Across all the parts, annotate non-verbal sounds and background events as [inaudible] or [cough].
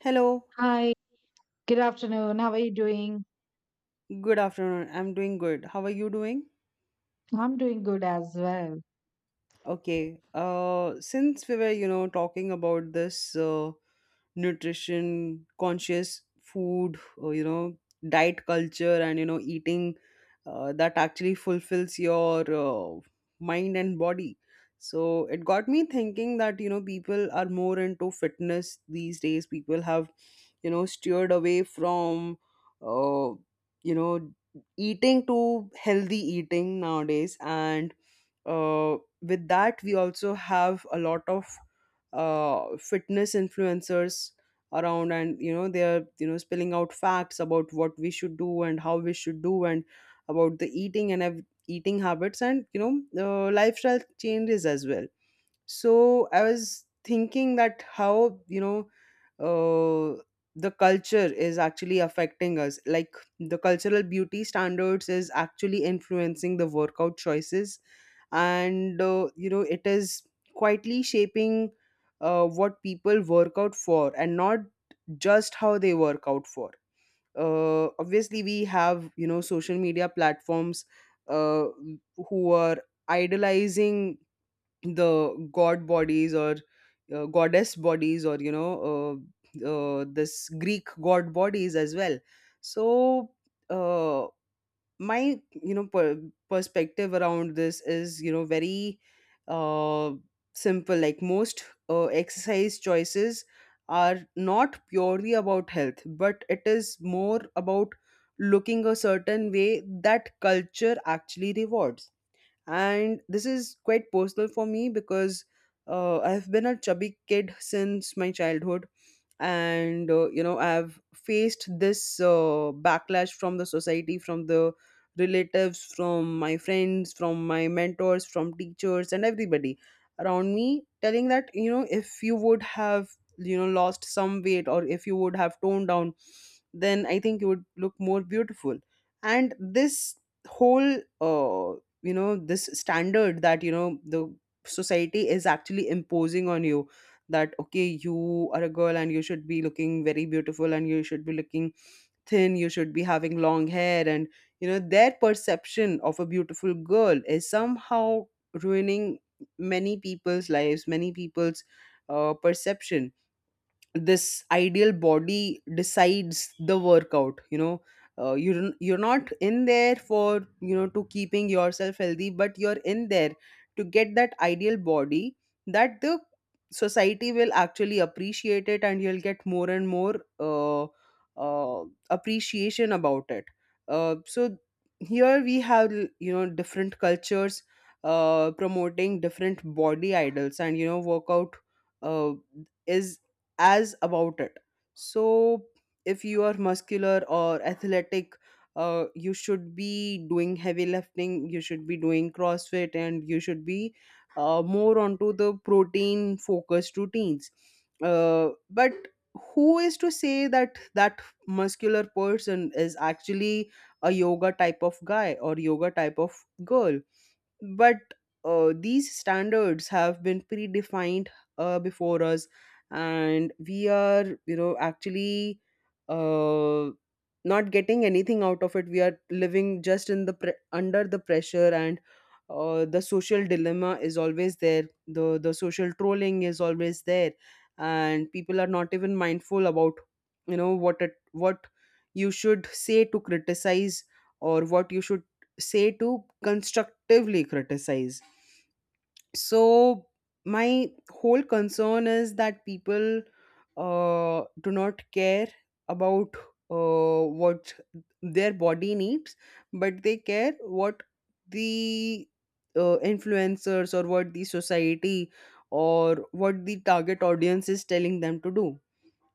Hello, Hi, good afternoon. How are you doing? good afternoon. I'm doing good. How are you doing? I'm doing good as well. Okay. Since we were, you know, talking about this nutrition conscious food or, you know, diet culture and you know eating that actually fulfills your mind and body. So it got me thinking that you know people are more into fitness these days. People have you know steered away from uh, you know eating to healthy eating nowadays. And with that we also have a lot of fitness influencers around and you know they are you know spilling out facts about what we should do and how we should do, and about the eating and eating habits and you know lifestyle changes as well. So I was thinking that how you know uh, the culture is actually affecting us, like the cultural beauty standards is actually influencing the workout choices. And you know it is quietly shaping what people work out for, and not just how they work out for. Obviously we have you know social media platforms uh, who are idolizing the god bodies or goddess bodies or you know this Greek god bodies as well. So uh, my perspective around this is you know very uh, simple. Like most exercise choices are not purely about health, but it is more about looking a certain way that culture actually rewards. And this is quite personal for me because I've been a chubby kid since my childhood. And you know I've faced this backlash from the society, from the relatives, from my friends, from my mentors, from teachers and everybody around me telling that you know if you would have you know lost some weight or if you would have toned down, then I think you would look more beautiful. And this whole you know this standard that you know the society is actually imposing on you. That okay, you are a girl and you should be looking very beautiful, and you should be looking thin, you should be having long hair, and you know their perception of a beautiful girl is somehow ruining many people's lives, many people's perception. This ideal body decides the workout. You know you're not in there for you know to keeping yourself healthy, but you're in there to get that ideal body that the society will actually appreciate it, and you'll get more and more uh, appreciation about it. So here we have you know different cultures promoting different body idols and you know workout uh, is as about it. So, if you are muscular or athletic, you should be doing heavy lifting, you should be doing CrossFit, and you should be more onto the protein focused routines. But who is to say that that muscular person is actually a yoga type of guy or yoga type of girl? But these standards have been predefined before us, and we are you know actually uh, not getting anything out of it. We are living just in the under the pressure. And the social dilemma is always there, the social trolling is always there, and people are not even mindful about you know what it what you should say to criticize or what you should say to constructively criticize. So, my whole concern is that people do not care about what their body needs, but they care what the influencers or what the society or what the target audience is telling them to do.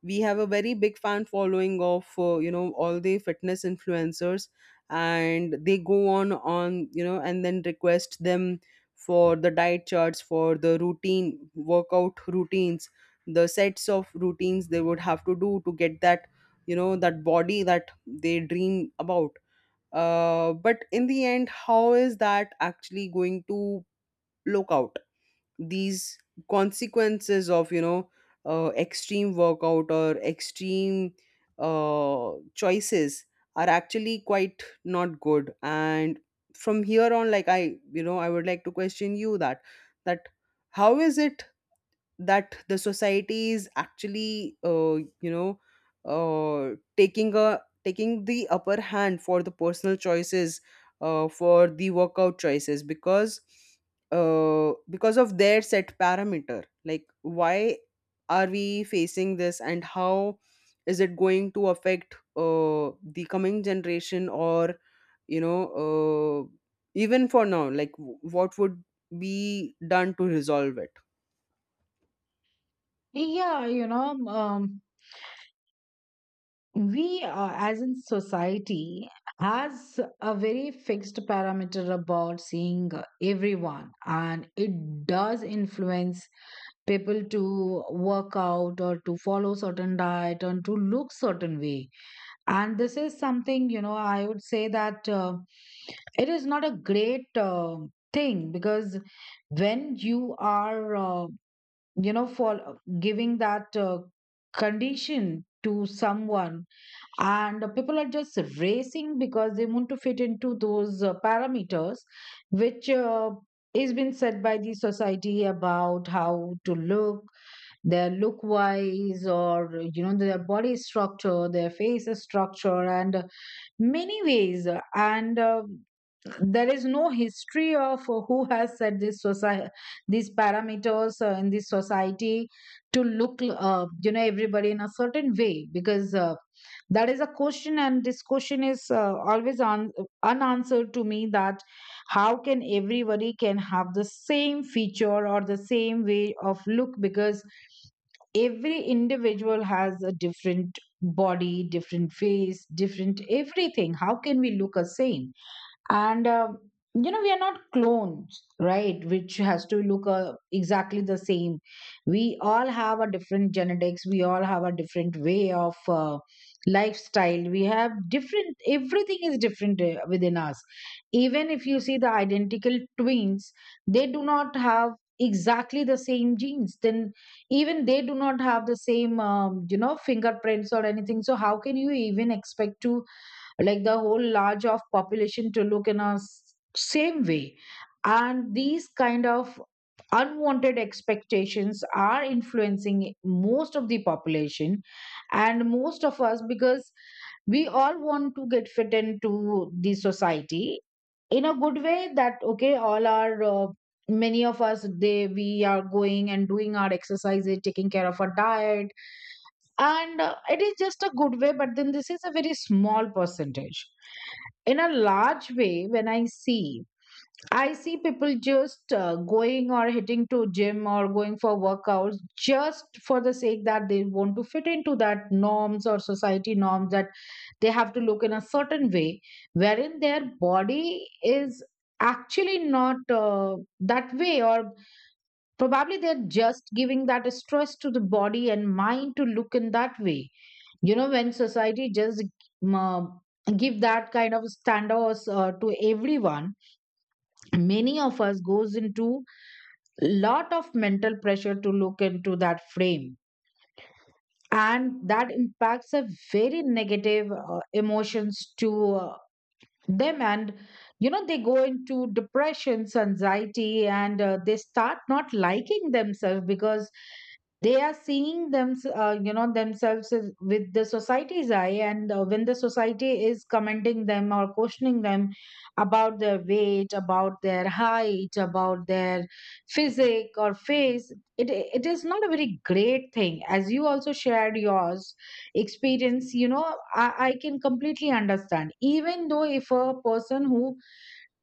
We have a very big fan following of you know all the fitness influencers, and they go on you know and then request them for the diet charts, for the routine workout routines, the sets of routines they would have to do to get that you know that body that they dream about. But in the end how is that actually going to look out? These consequences of you know extreme workout or extreme choices are actually quite not good. And from here on like I you know I would like to question you that that how is it that the society is actually you know taking the upper hand for the personal choices for the workout choices? Because because of their set parameter, like why are we facing this, and how is it going to affect the coming generation? Or you know uh, even for now, like what would be done to resolve it? Yeah, we as in society has a very fixed parameter about seeing everyone, and it does influence people to work out or to follow certain diet and to look certain way, and this is something, you know, I would say that it is not a great thing because when you are you know, for giving that condition to someone, and people are just racing because they want to fit into those parameters, which is been set by the society about how to look, their look wise, or you know, their body structure, their face structure, and many ways, and there is no history of who has set this society, these parameters in this society, to look you know, everybody in a certain way. Because that is a question, and this question is always unanswered to me, that how can everybody can have the same feature or the same way of look? Because every individual has a different body, different face, different everything. How can we look the same? And you know, we are not clones, right, which has to look exactly the same. We all have a different genetics, we all have a different way of lifestyle, we have different, everything is different within us. Even if you see the identical twins, they do not have exactly the same genes. Then, even they do not have the same you know, fingerprints or anything. So how can you even expect to, like, the whole large of population to look in a same way? And these kind of unwanted expectations are influencing most of the population and most of us because we all want to get fit into the society in a good way, that okay, all our many of us, they, we are going and doing our exercises, taking care of our diet, and it is just a good way. But then this is a very small percentage. In a large way, when I see people just going or hitting to gym or going for workouts just for the sake that they want to fit into that norms or society norms, that they have to look in a certain way, wherein their body is actually not that way, or probably they're just giving that stress to the body and mind to look in that way. You know, when society just um, give that kind of standards to everyone, many of us goes into lot of mental pressure to look into that frame, and that impacts a very negative emotions to them. And you know, they go into depressions, anxiety, and they start not liking themselves because they are seeing them, you know, themselves as— with the society's eye. And when the society is commending them or questioning them about their weight, about their height, about their physique or face, it it is not a very great thing. As you also shared yours experience, you know, I can completely understand. Even though if a person who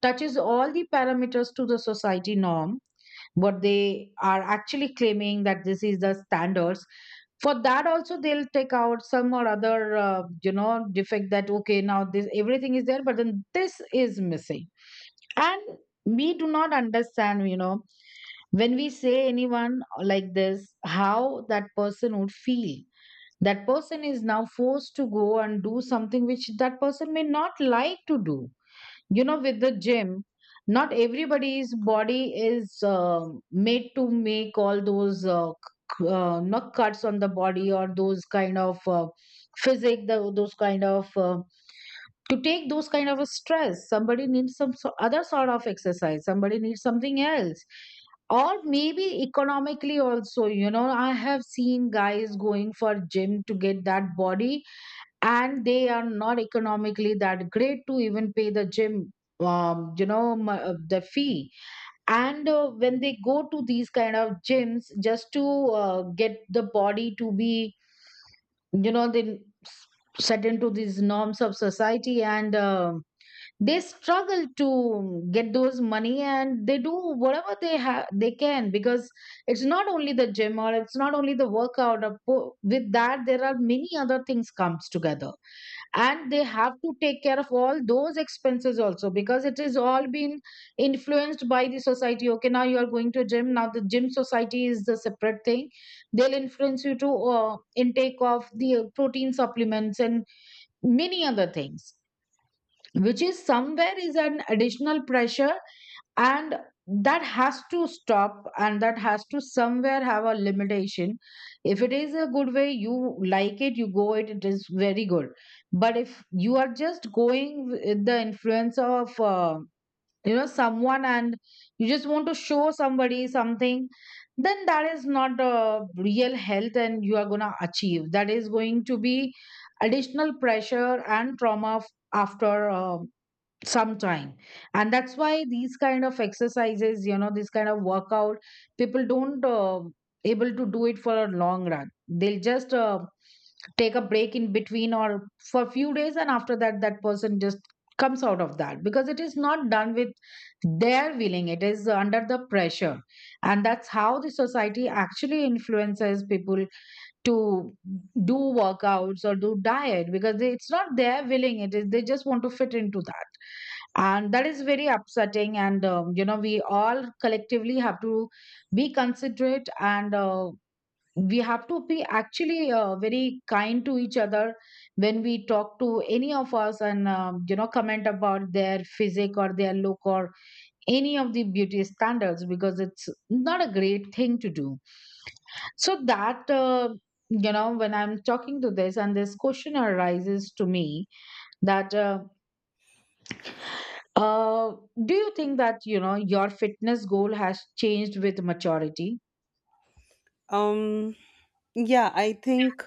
touches all the parameters to the society norm, what they are actually claiming that this is the standards, for that also they'll take out some or other you know, defect, that okay, now this everything is there, but then this is missing. And we do not understand, you know, when we say anyone like this, how that person would feel. That person is now forced to go and do something which that person may not like to do. You know, with the gym, not everybody's body is made to make all those not cuts on the body, or those kind of physic the, those kind of to take those kind of a stress. Somebody needs some so other sort of exercise, somebody needs something else, or maybe economically also, you know, I have seen guys going for gym to get that body, and they are not economically that great to even pay the gym, the fee. And when they go to these kind of gyms just to get the body to be, you know, they s- set into these norms of society. And um, they struggle to get those money, and they do whatever they have they can, because it's not only the gym or it's not only the workout, or with that there are many other things comes together, and they have to take care of all those expenses also, because it is all been influenced by the society. Okay, now you are going to gym, now the gym society is the separate thing, they'll influence you to intake of the protein supplements and many other things, which is somewhere is an additional pressure. And that has to stop, and that has to somewhere have a limitation. If it is a good way, you like it, you go it, it is very good. But if you are just going with the influence of you know, someone, and you just want to show somebody something, then that is not a real health, and you are going to achieve that is going to be additional pressure and trauma after sometime. And that's why these kind of exercises, you know, this kind of workout, people don't able to do it for a long run. They'll just take a break in between or for a few days, and after that that person just comes out of that because it is not done with their willing, it is under the pressure. And that's how the society actually influences people to do workouts or do diet, because they, it's not their willing, it is they just want to fit into that. And that is very upsetting. And you know, we all collectively have to be considerate, and we have to be actually very kind to each other when we talk to any of us, and you know, comment about their physique or their look or any of the beauty standards, because it's not a great thing to do. So that you know, when I'm talking to this, and this question arises to me, that uh, do you think that, you know, your fitness goal has changed with maturity? um, yeah, I think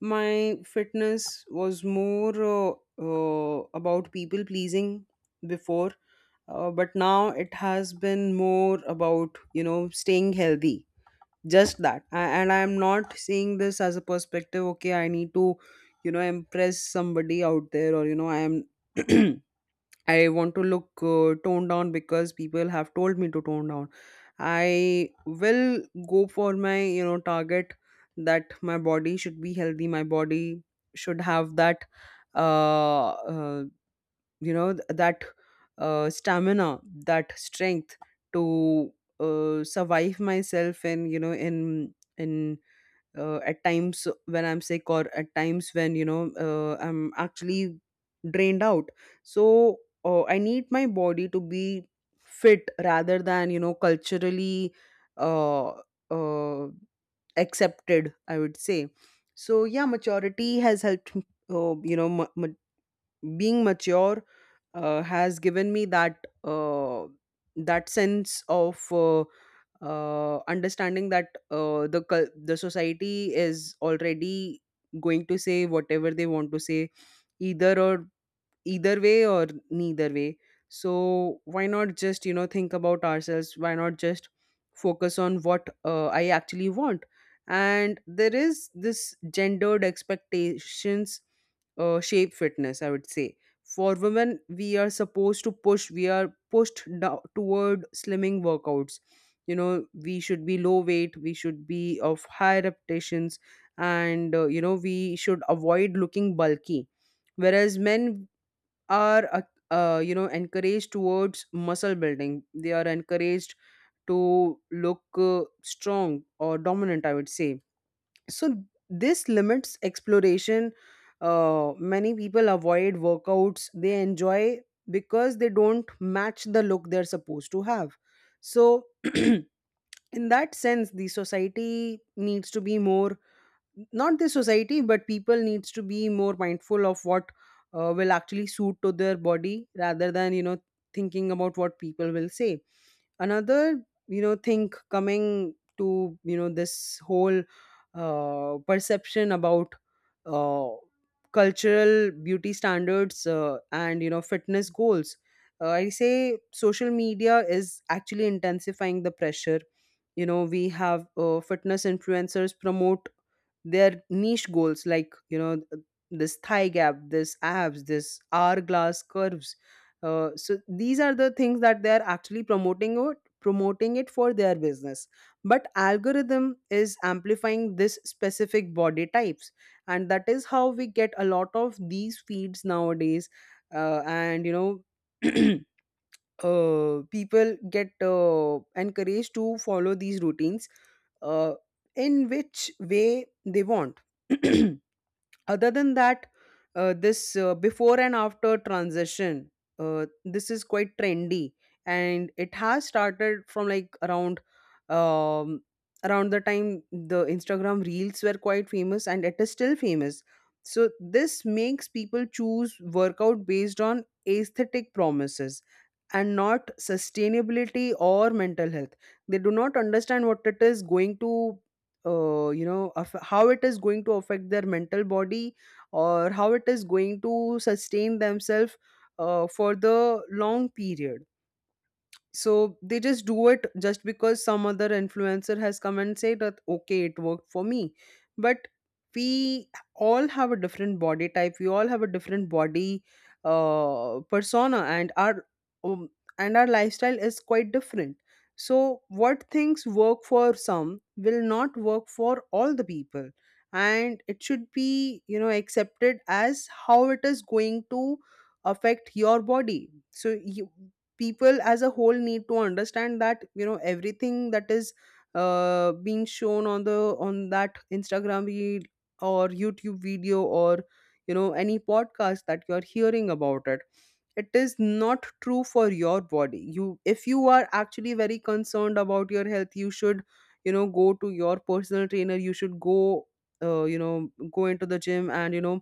my fitness was more about people pleasing before, but now it has been more about, you know, staying healthy. Just that I, and I'm not seeing this as a perspective. Okay, I need to you know impress somebody out there or you know I am [clears throat] I want to look toned down because people have told me to tone down. I will go for my you know target, that my body should be healthy, my body should have that uh, uh you know that stamina, that strength to survive myself. And you know in at times when I'm sick, or at times when you know I'm actually drained out. So I need my body to be fit rather than you know culturally uh, uh, accepted, I would say. So yeah, maturity has helped you know being mature has given me that that sense of understanding that the society is already going to say whatever they want to say, either or, either way or neither way. So why not just you know think about ourselves, why not just focus on what I actually want? And there is this gendered expectations shape fitness, I would say. For women, we are supposed to push, we are pushed down toward slimming workouts. You know we should be low weight, we should be of high repetitions, and you know we should avoid looking bulky. Whereas men are you know encouraged towards muscle building, they are encouraged to look strong or dominant, I would say. So this limits exploration. Many people avoid workouts they enjoy because they don't match the look they're supposed to have. So [clears throat] in that sense the society needs to be more, not the society but people needs to be more mindful of what will actually suit to their body rather than you know thinking about what people will say. Another you know thing coming to you know this whole perception about uh, cultural beauty standards and you know fitness goals. I say social media is actually intensifying the pressure. You know we have fitness influencers promote their niche goals like you know this thigh gap, this abs, this hourglass curves. So these are the things that they are actually promoting it for their business. But algorithm is amplifying this specific body types, and that is how we get a lot of these feeds nowadays. And you know [clears throat] people get encouraged to follow these routines uh, in which way they want. [clears throat] Other than that, this before and after transition, this is quite trendy, and it has started from like around um, around the time the Instagram reels were quite famous, and it is still famous. So this makes people choose workout based on aesthetic promises and not sustainability or mental health. They do not understand what it is going to you know how it is going to affect their mental body, or how it is going to sustain themselves for the long period. So they just do it just because some other influencer has come and said that okay it worked for me. But we all have a different body type, we all have a different body persona, um, and our lifestyle is quite different. So what things work for some will not work for all the people, and it should be you know accepted as how it is going to affect your body. So you, people as a whole need to understand that you know everything that is being shown on the on that Instagram reel or YouTube video or you know any podcast that you are hearing about it, it is not true for your body. You, if you are actually very concerned about your health you should you know go to your personal trainer, you should go you know go into the gym and you know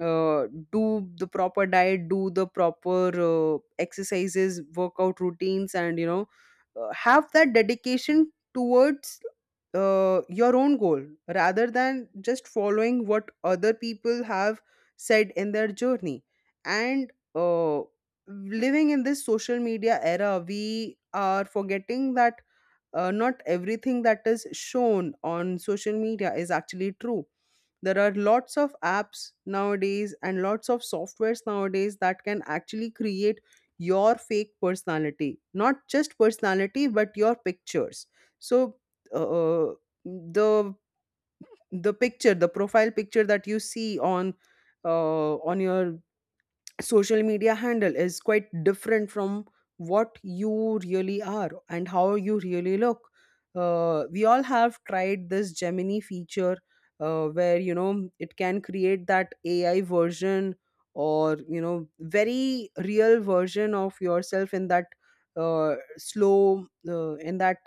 uh, do the proper diet, do the proper exercises, workout routines, and you know have that dedication towards your own goal, rather than just following what other people have said in their journey. And living in this social media era, we are forgetting that not everything that is shown on social media is actually true. There are lots of apps nowadays and lots of softwares nowadays that can actually create your fake personality, not just personality, but your pictures. So, uh, uh, the the picture, the profile picture that you see on your social media handle is quite different from what you really are and how you really look. We all have tried this Gemini feature where you know it can create that AI version or you know very real version of yourself in that slow in that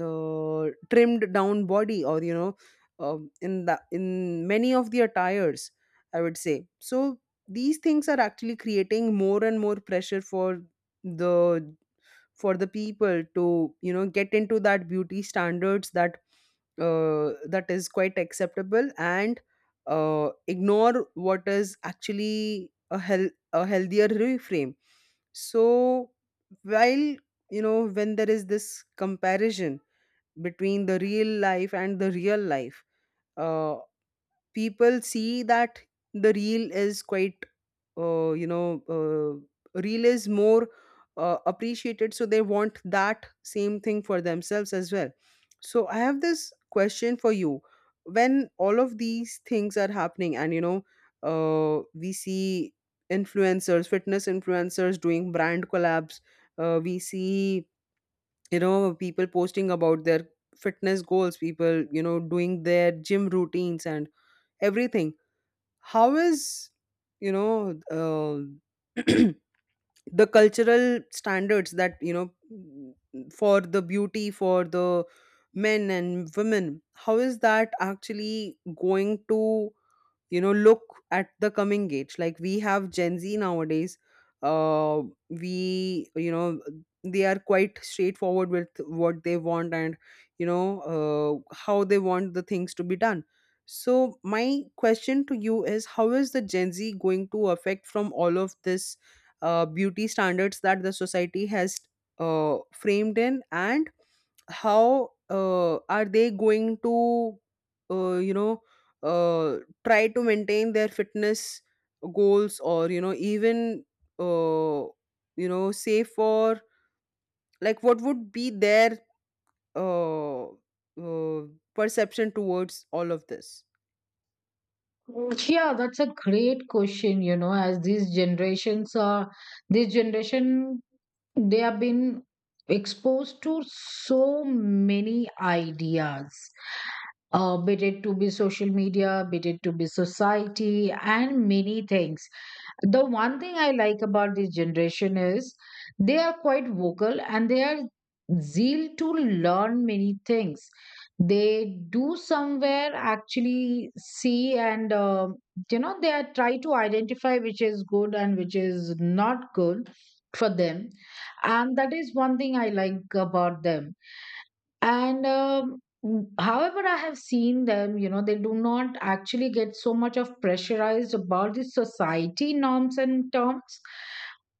trimmed down body or you know in the in many of the attires, I would say. So these things are actually creating more and more pressure the for the people to you know get into that beauty standards that that is quite acceptable, and ignore what is actually a healthier reframe. So while you know when there is this comparison between the real life and the real life, uh, people see that the real is quite you know real is more appreciated, so they want that same thing for themselves as well. So I have this question for you. When all of these things are happening and you know we see influencers, fitness influencers doing brand collabs, we see you know people posting about their fitness goals, people you know doing their gym routines and everything, how is you know [clears throat] the cultural standards that you know for the beauty for the men and women, how is that actually going to you know look at the coming age? Like we have Gen Z nowadays, uh we you know they are quite straightforward with what they want, and you know how they want the things to be done. So my question to you is how is the Gen Z going to affect from all of this beauty standards that the society has framed in? And how are they going to you know uh, try to maintain their fitness goals, or you know even uh, you know say for like what would be their uh, uh, perception towards all of this? Yeah, that's a great question. You know, as these generations are, this generation, they have been exposed to so many ideas, be it to be social media, be it to be society, and many things. The one thing I like about this generation is they are quite vocal, and they are zeal to learn many things. They do somewhere actually see, and you know, they are try to identify which is good and which is not good for them, and that is one thing I like about them. And however, I have seen them, you know, they do not actually get so much of pressurized about the society norms and terms.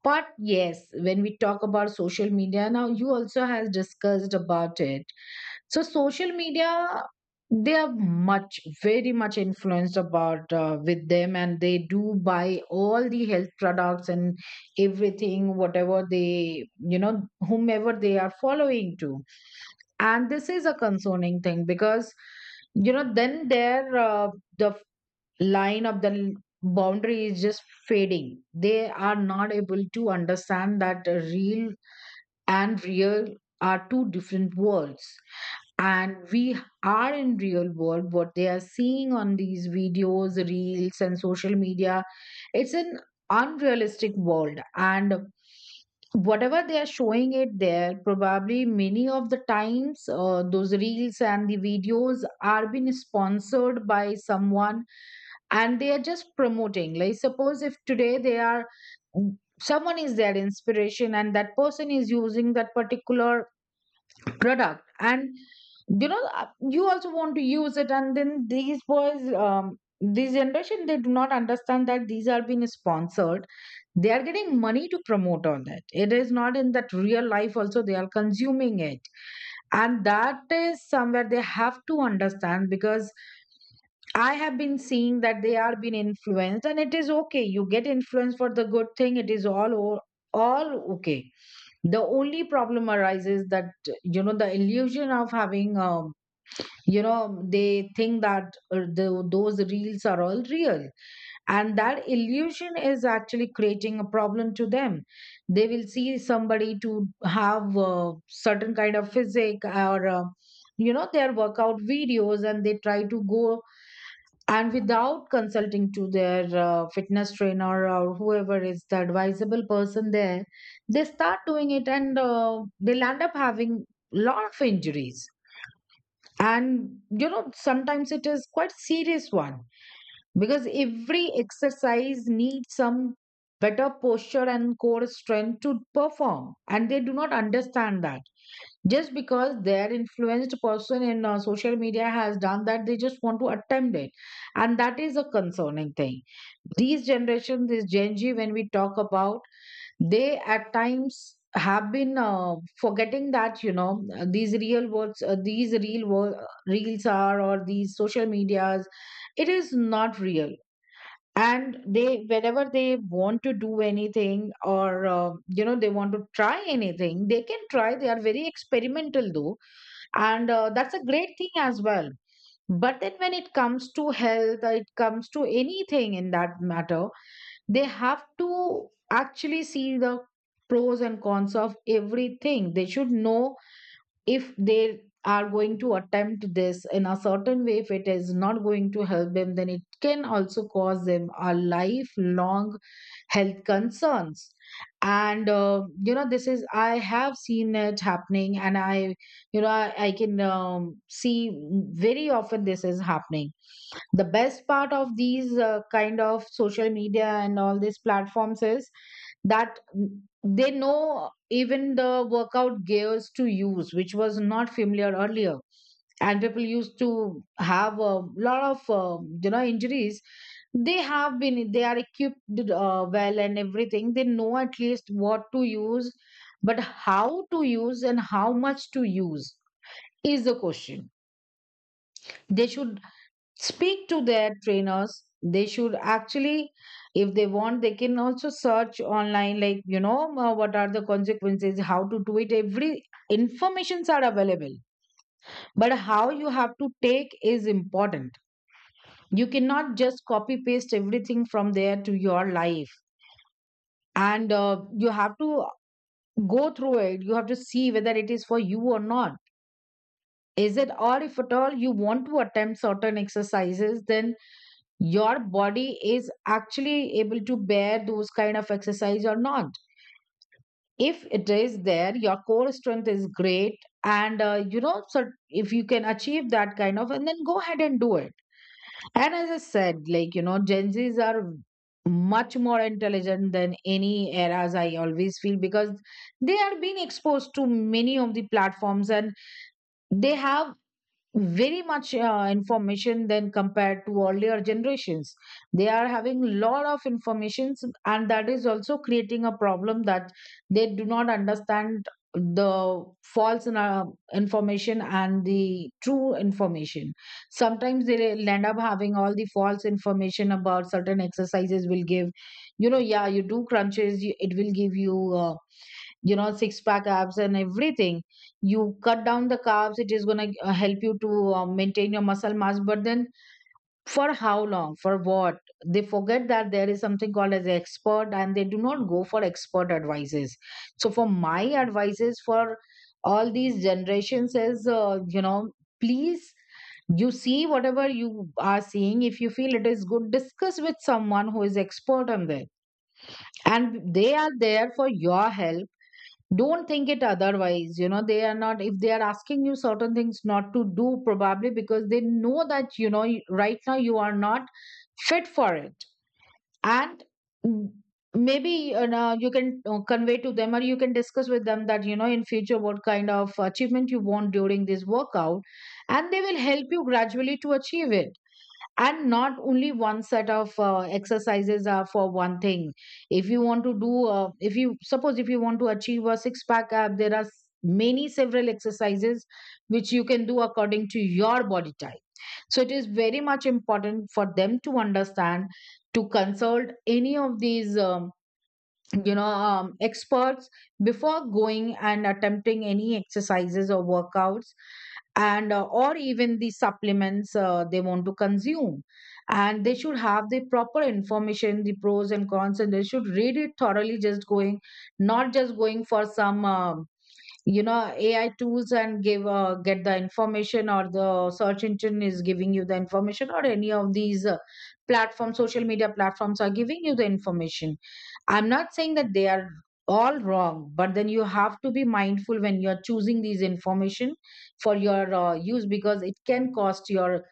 But yes, when we talk about social media, now you also has discussed about it. So social media, they are much very much influenced about with them, and they do buy all the health products and everything, whatever they, you know, whomever they are following to. And this is a concerning thing because, you know, then their the f- line of the boundary is just fading. They are not able to understand that real and real are two different worlds. And we are in real world. What they are seeing on these videos, reels and social media, it's an unrealistic world. And whatever they are showing it there, probably many of the times those reels and the videos are being sponsored by someone, and they are just promoting, like, suppose if today they are, someone is their inspiration, and that person is using that particular product, and you know, you also want to use it. And then these boys, this generation, they do not understand that these are being sponsored, they are getting money to promote on that, it is not in that real life also they are consuming it. And that is somewhere they have to understand, because I have been seeing that they are being influenced, and it is okay. You get influenced for the good thing, it is all all okay. The only problem arises that, you know, the illusion of having you know, they think that those reels are all real, and that illusion is actually creating a problem to them. They will see somebody to have a certain kind of physique or. You know, their workout videos and they try to go and without consulting to their fitness trainer or whoever is the advisable person there, they start doing it and they'll end up having lot of injuries. And you know, sometimes it is quite serious one, because every exercise needs some better posture and core strength to perform, and they do not understand that. Just because their influenced person in social media has done that, they just want to attempt it, and that is a concerning thing. These generations, this Gen Z, when we talk about, they at times have been forgetting that you know, these real words these real world reels are, or these social medias, it is not real. And they, whenever they want to do anything or you know, they want to try anything they can try. They are very experimental though, and that's a great thing as well. But then when it comes to health or it comes to anything in that matter, they have to actually see the pros and cons of everything. They should know, if they are going to attempt this in a certain way, if it is not going to help them, then it can also cause them a lifelong health concerns. And you know, this is, I have seen it happening, and I you know I can see very often this is happening. The best part of these kind of social media and all these platforms is that they know even the workout gears to use, which was not familiar earlier. And people used to have a lot of you know injuries. They have been they are equipped well and everything. They know at least what to use, but how to use and how much to use is the question. They should speak to their trainers. They should actually, if they want, they can also search online, like you know, what are the consequences, how to do it. Every informations are available, but how you have to take is important. You cannot just copy paste everything from there to your life, and you have to go through it. You have to see whether it is for you or not. Is it? Or if at all you want to attempt certain exercises, then your body is actually able to bear those kind of exercise or not. If it is there, your core strength is great, and you know, so if you can achieve that kind of, and then go ahead and do it. And as I said, like you know, Gen Z's are much more intelligent than any eras, I always feel, because they are being exposed to many of the platforms, and they have very much information than compared to earlier generations. They are having lot of informations, and that is also creating a problem, that they do not understand the false information and the true information. Sometimes they will end up having all the false information about certain exercises will give, you know, yeah, you do crunches, you, it will give you you know, six pack abs and everything. You cut down the carbs, it is going to help you to maintain your muscle mass, but then for how long, for what? They forget that there is something called as expert, and they do not go for expert advices. So for my advices for all these generations is, you know, please, you see whatever you are seeing, if you feel it is good, discuss with someone who is expert on that. And they are there for your help. Don't think it otherwise. You know, they are not, if they are asking you certain things not to do, probably because they know that you know, right now you are not fit for it. And mm, maybe you know, you can convey to them, or you can discuss with them that you know, in future what kind of achievement you want during this workout, and they will help you gradually to achieve it. And not only one set of exercises are for one thing. If you want to do if you suppose, if you want to achieve a six pack ab, there are many, several exercises which you can do according to your body type. So it is very much important for them to understand, to consult any of these you know, experts before going and attempting any exercises or workouts, and or even the supplements they want to consume. And they should have the proper information, the pros and cons, and they should read it thoroughly. Just going, not just going for some you know, AI tools and give get the information, or the search engine is giving you the information, or any of these platforms, social media platforms are giving you the information. I'm not saying that they are all wrong, but then you have to be mindful when you're choosing these information for your use, because it can cost your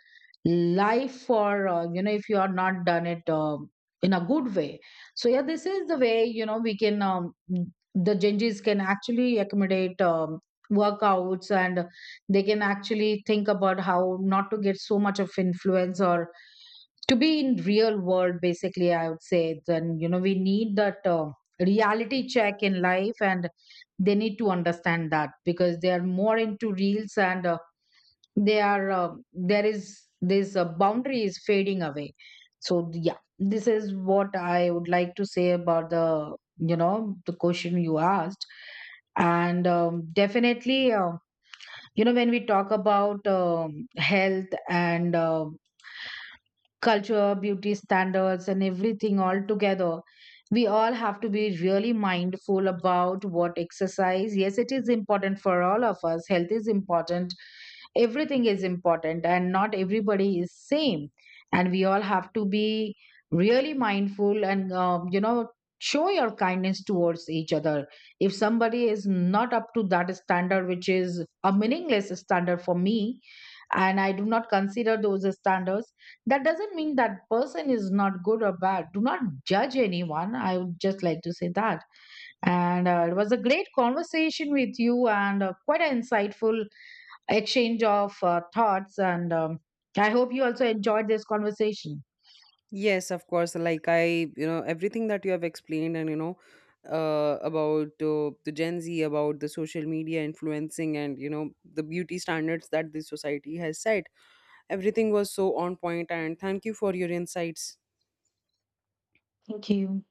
life for you know, if you are not done it in a good way. So yeah, this is the way, you know, we can the Gen Zs can actually accommodate workouts, and they can actually think about how not to get so much of influence, or to be in real world. Basically I would say, then you know, we need that reality check in life, and they need to understand that, because they are more into reels, and they are there is this boundary is fading away. So yeah, this is what I would like to say about the, you know, the question you asked. And definitely, you know, when we talk about health and culture, beauty standards, and everything all together, we all have to be really mindful about what exercise. Yes, it is important for all of us. Health is important. Everything is important, and not everybody is same. And we all have to be really mindful, and you know, show your kindness towards each other. If somebody is not up to that standard, which is a meaningless standard for me, and I do not consider those as standards, that doesn't mean that person is not good or bad. Do not judge anyone. I would just like to say that. And it was a great conversation with you, and quite an insightful exchange of thoughts. And I hope you also enjoyed this conversation. Yes, of course. Like I, you know, everything that you have explained, and you know, about the Gen Z, about the social media influencing, and you know, the beauty standards that the society has set. Everything was so on point, and thank you for your insights. Thank you.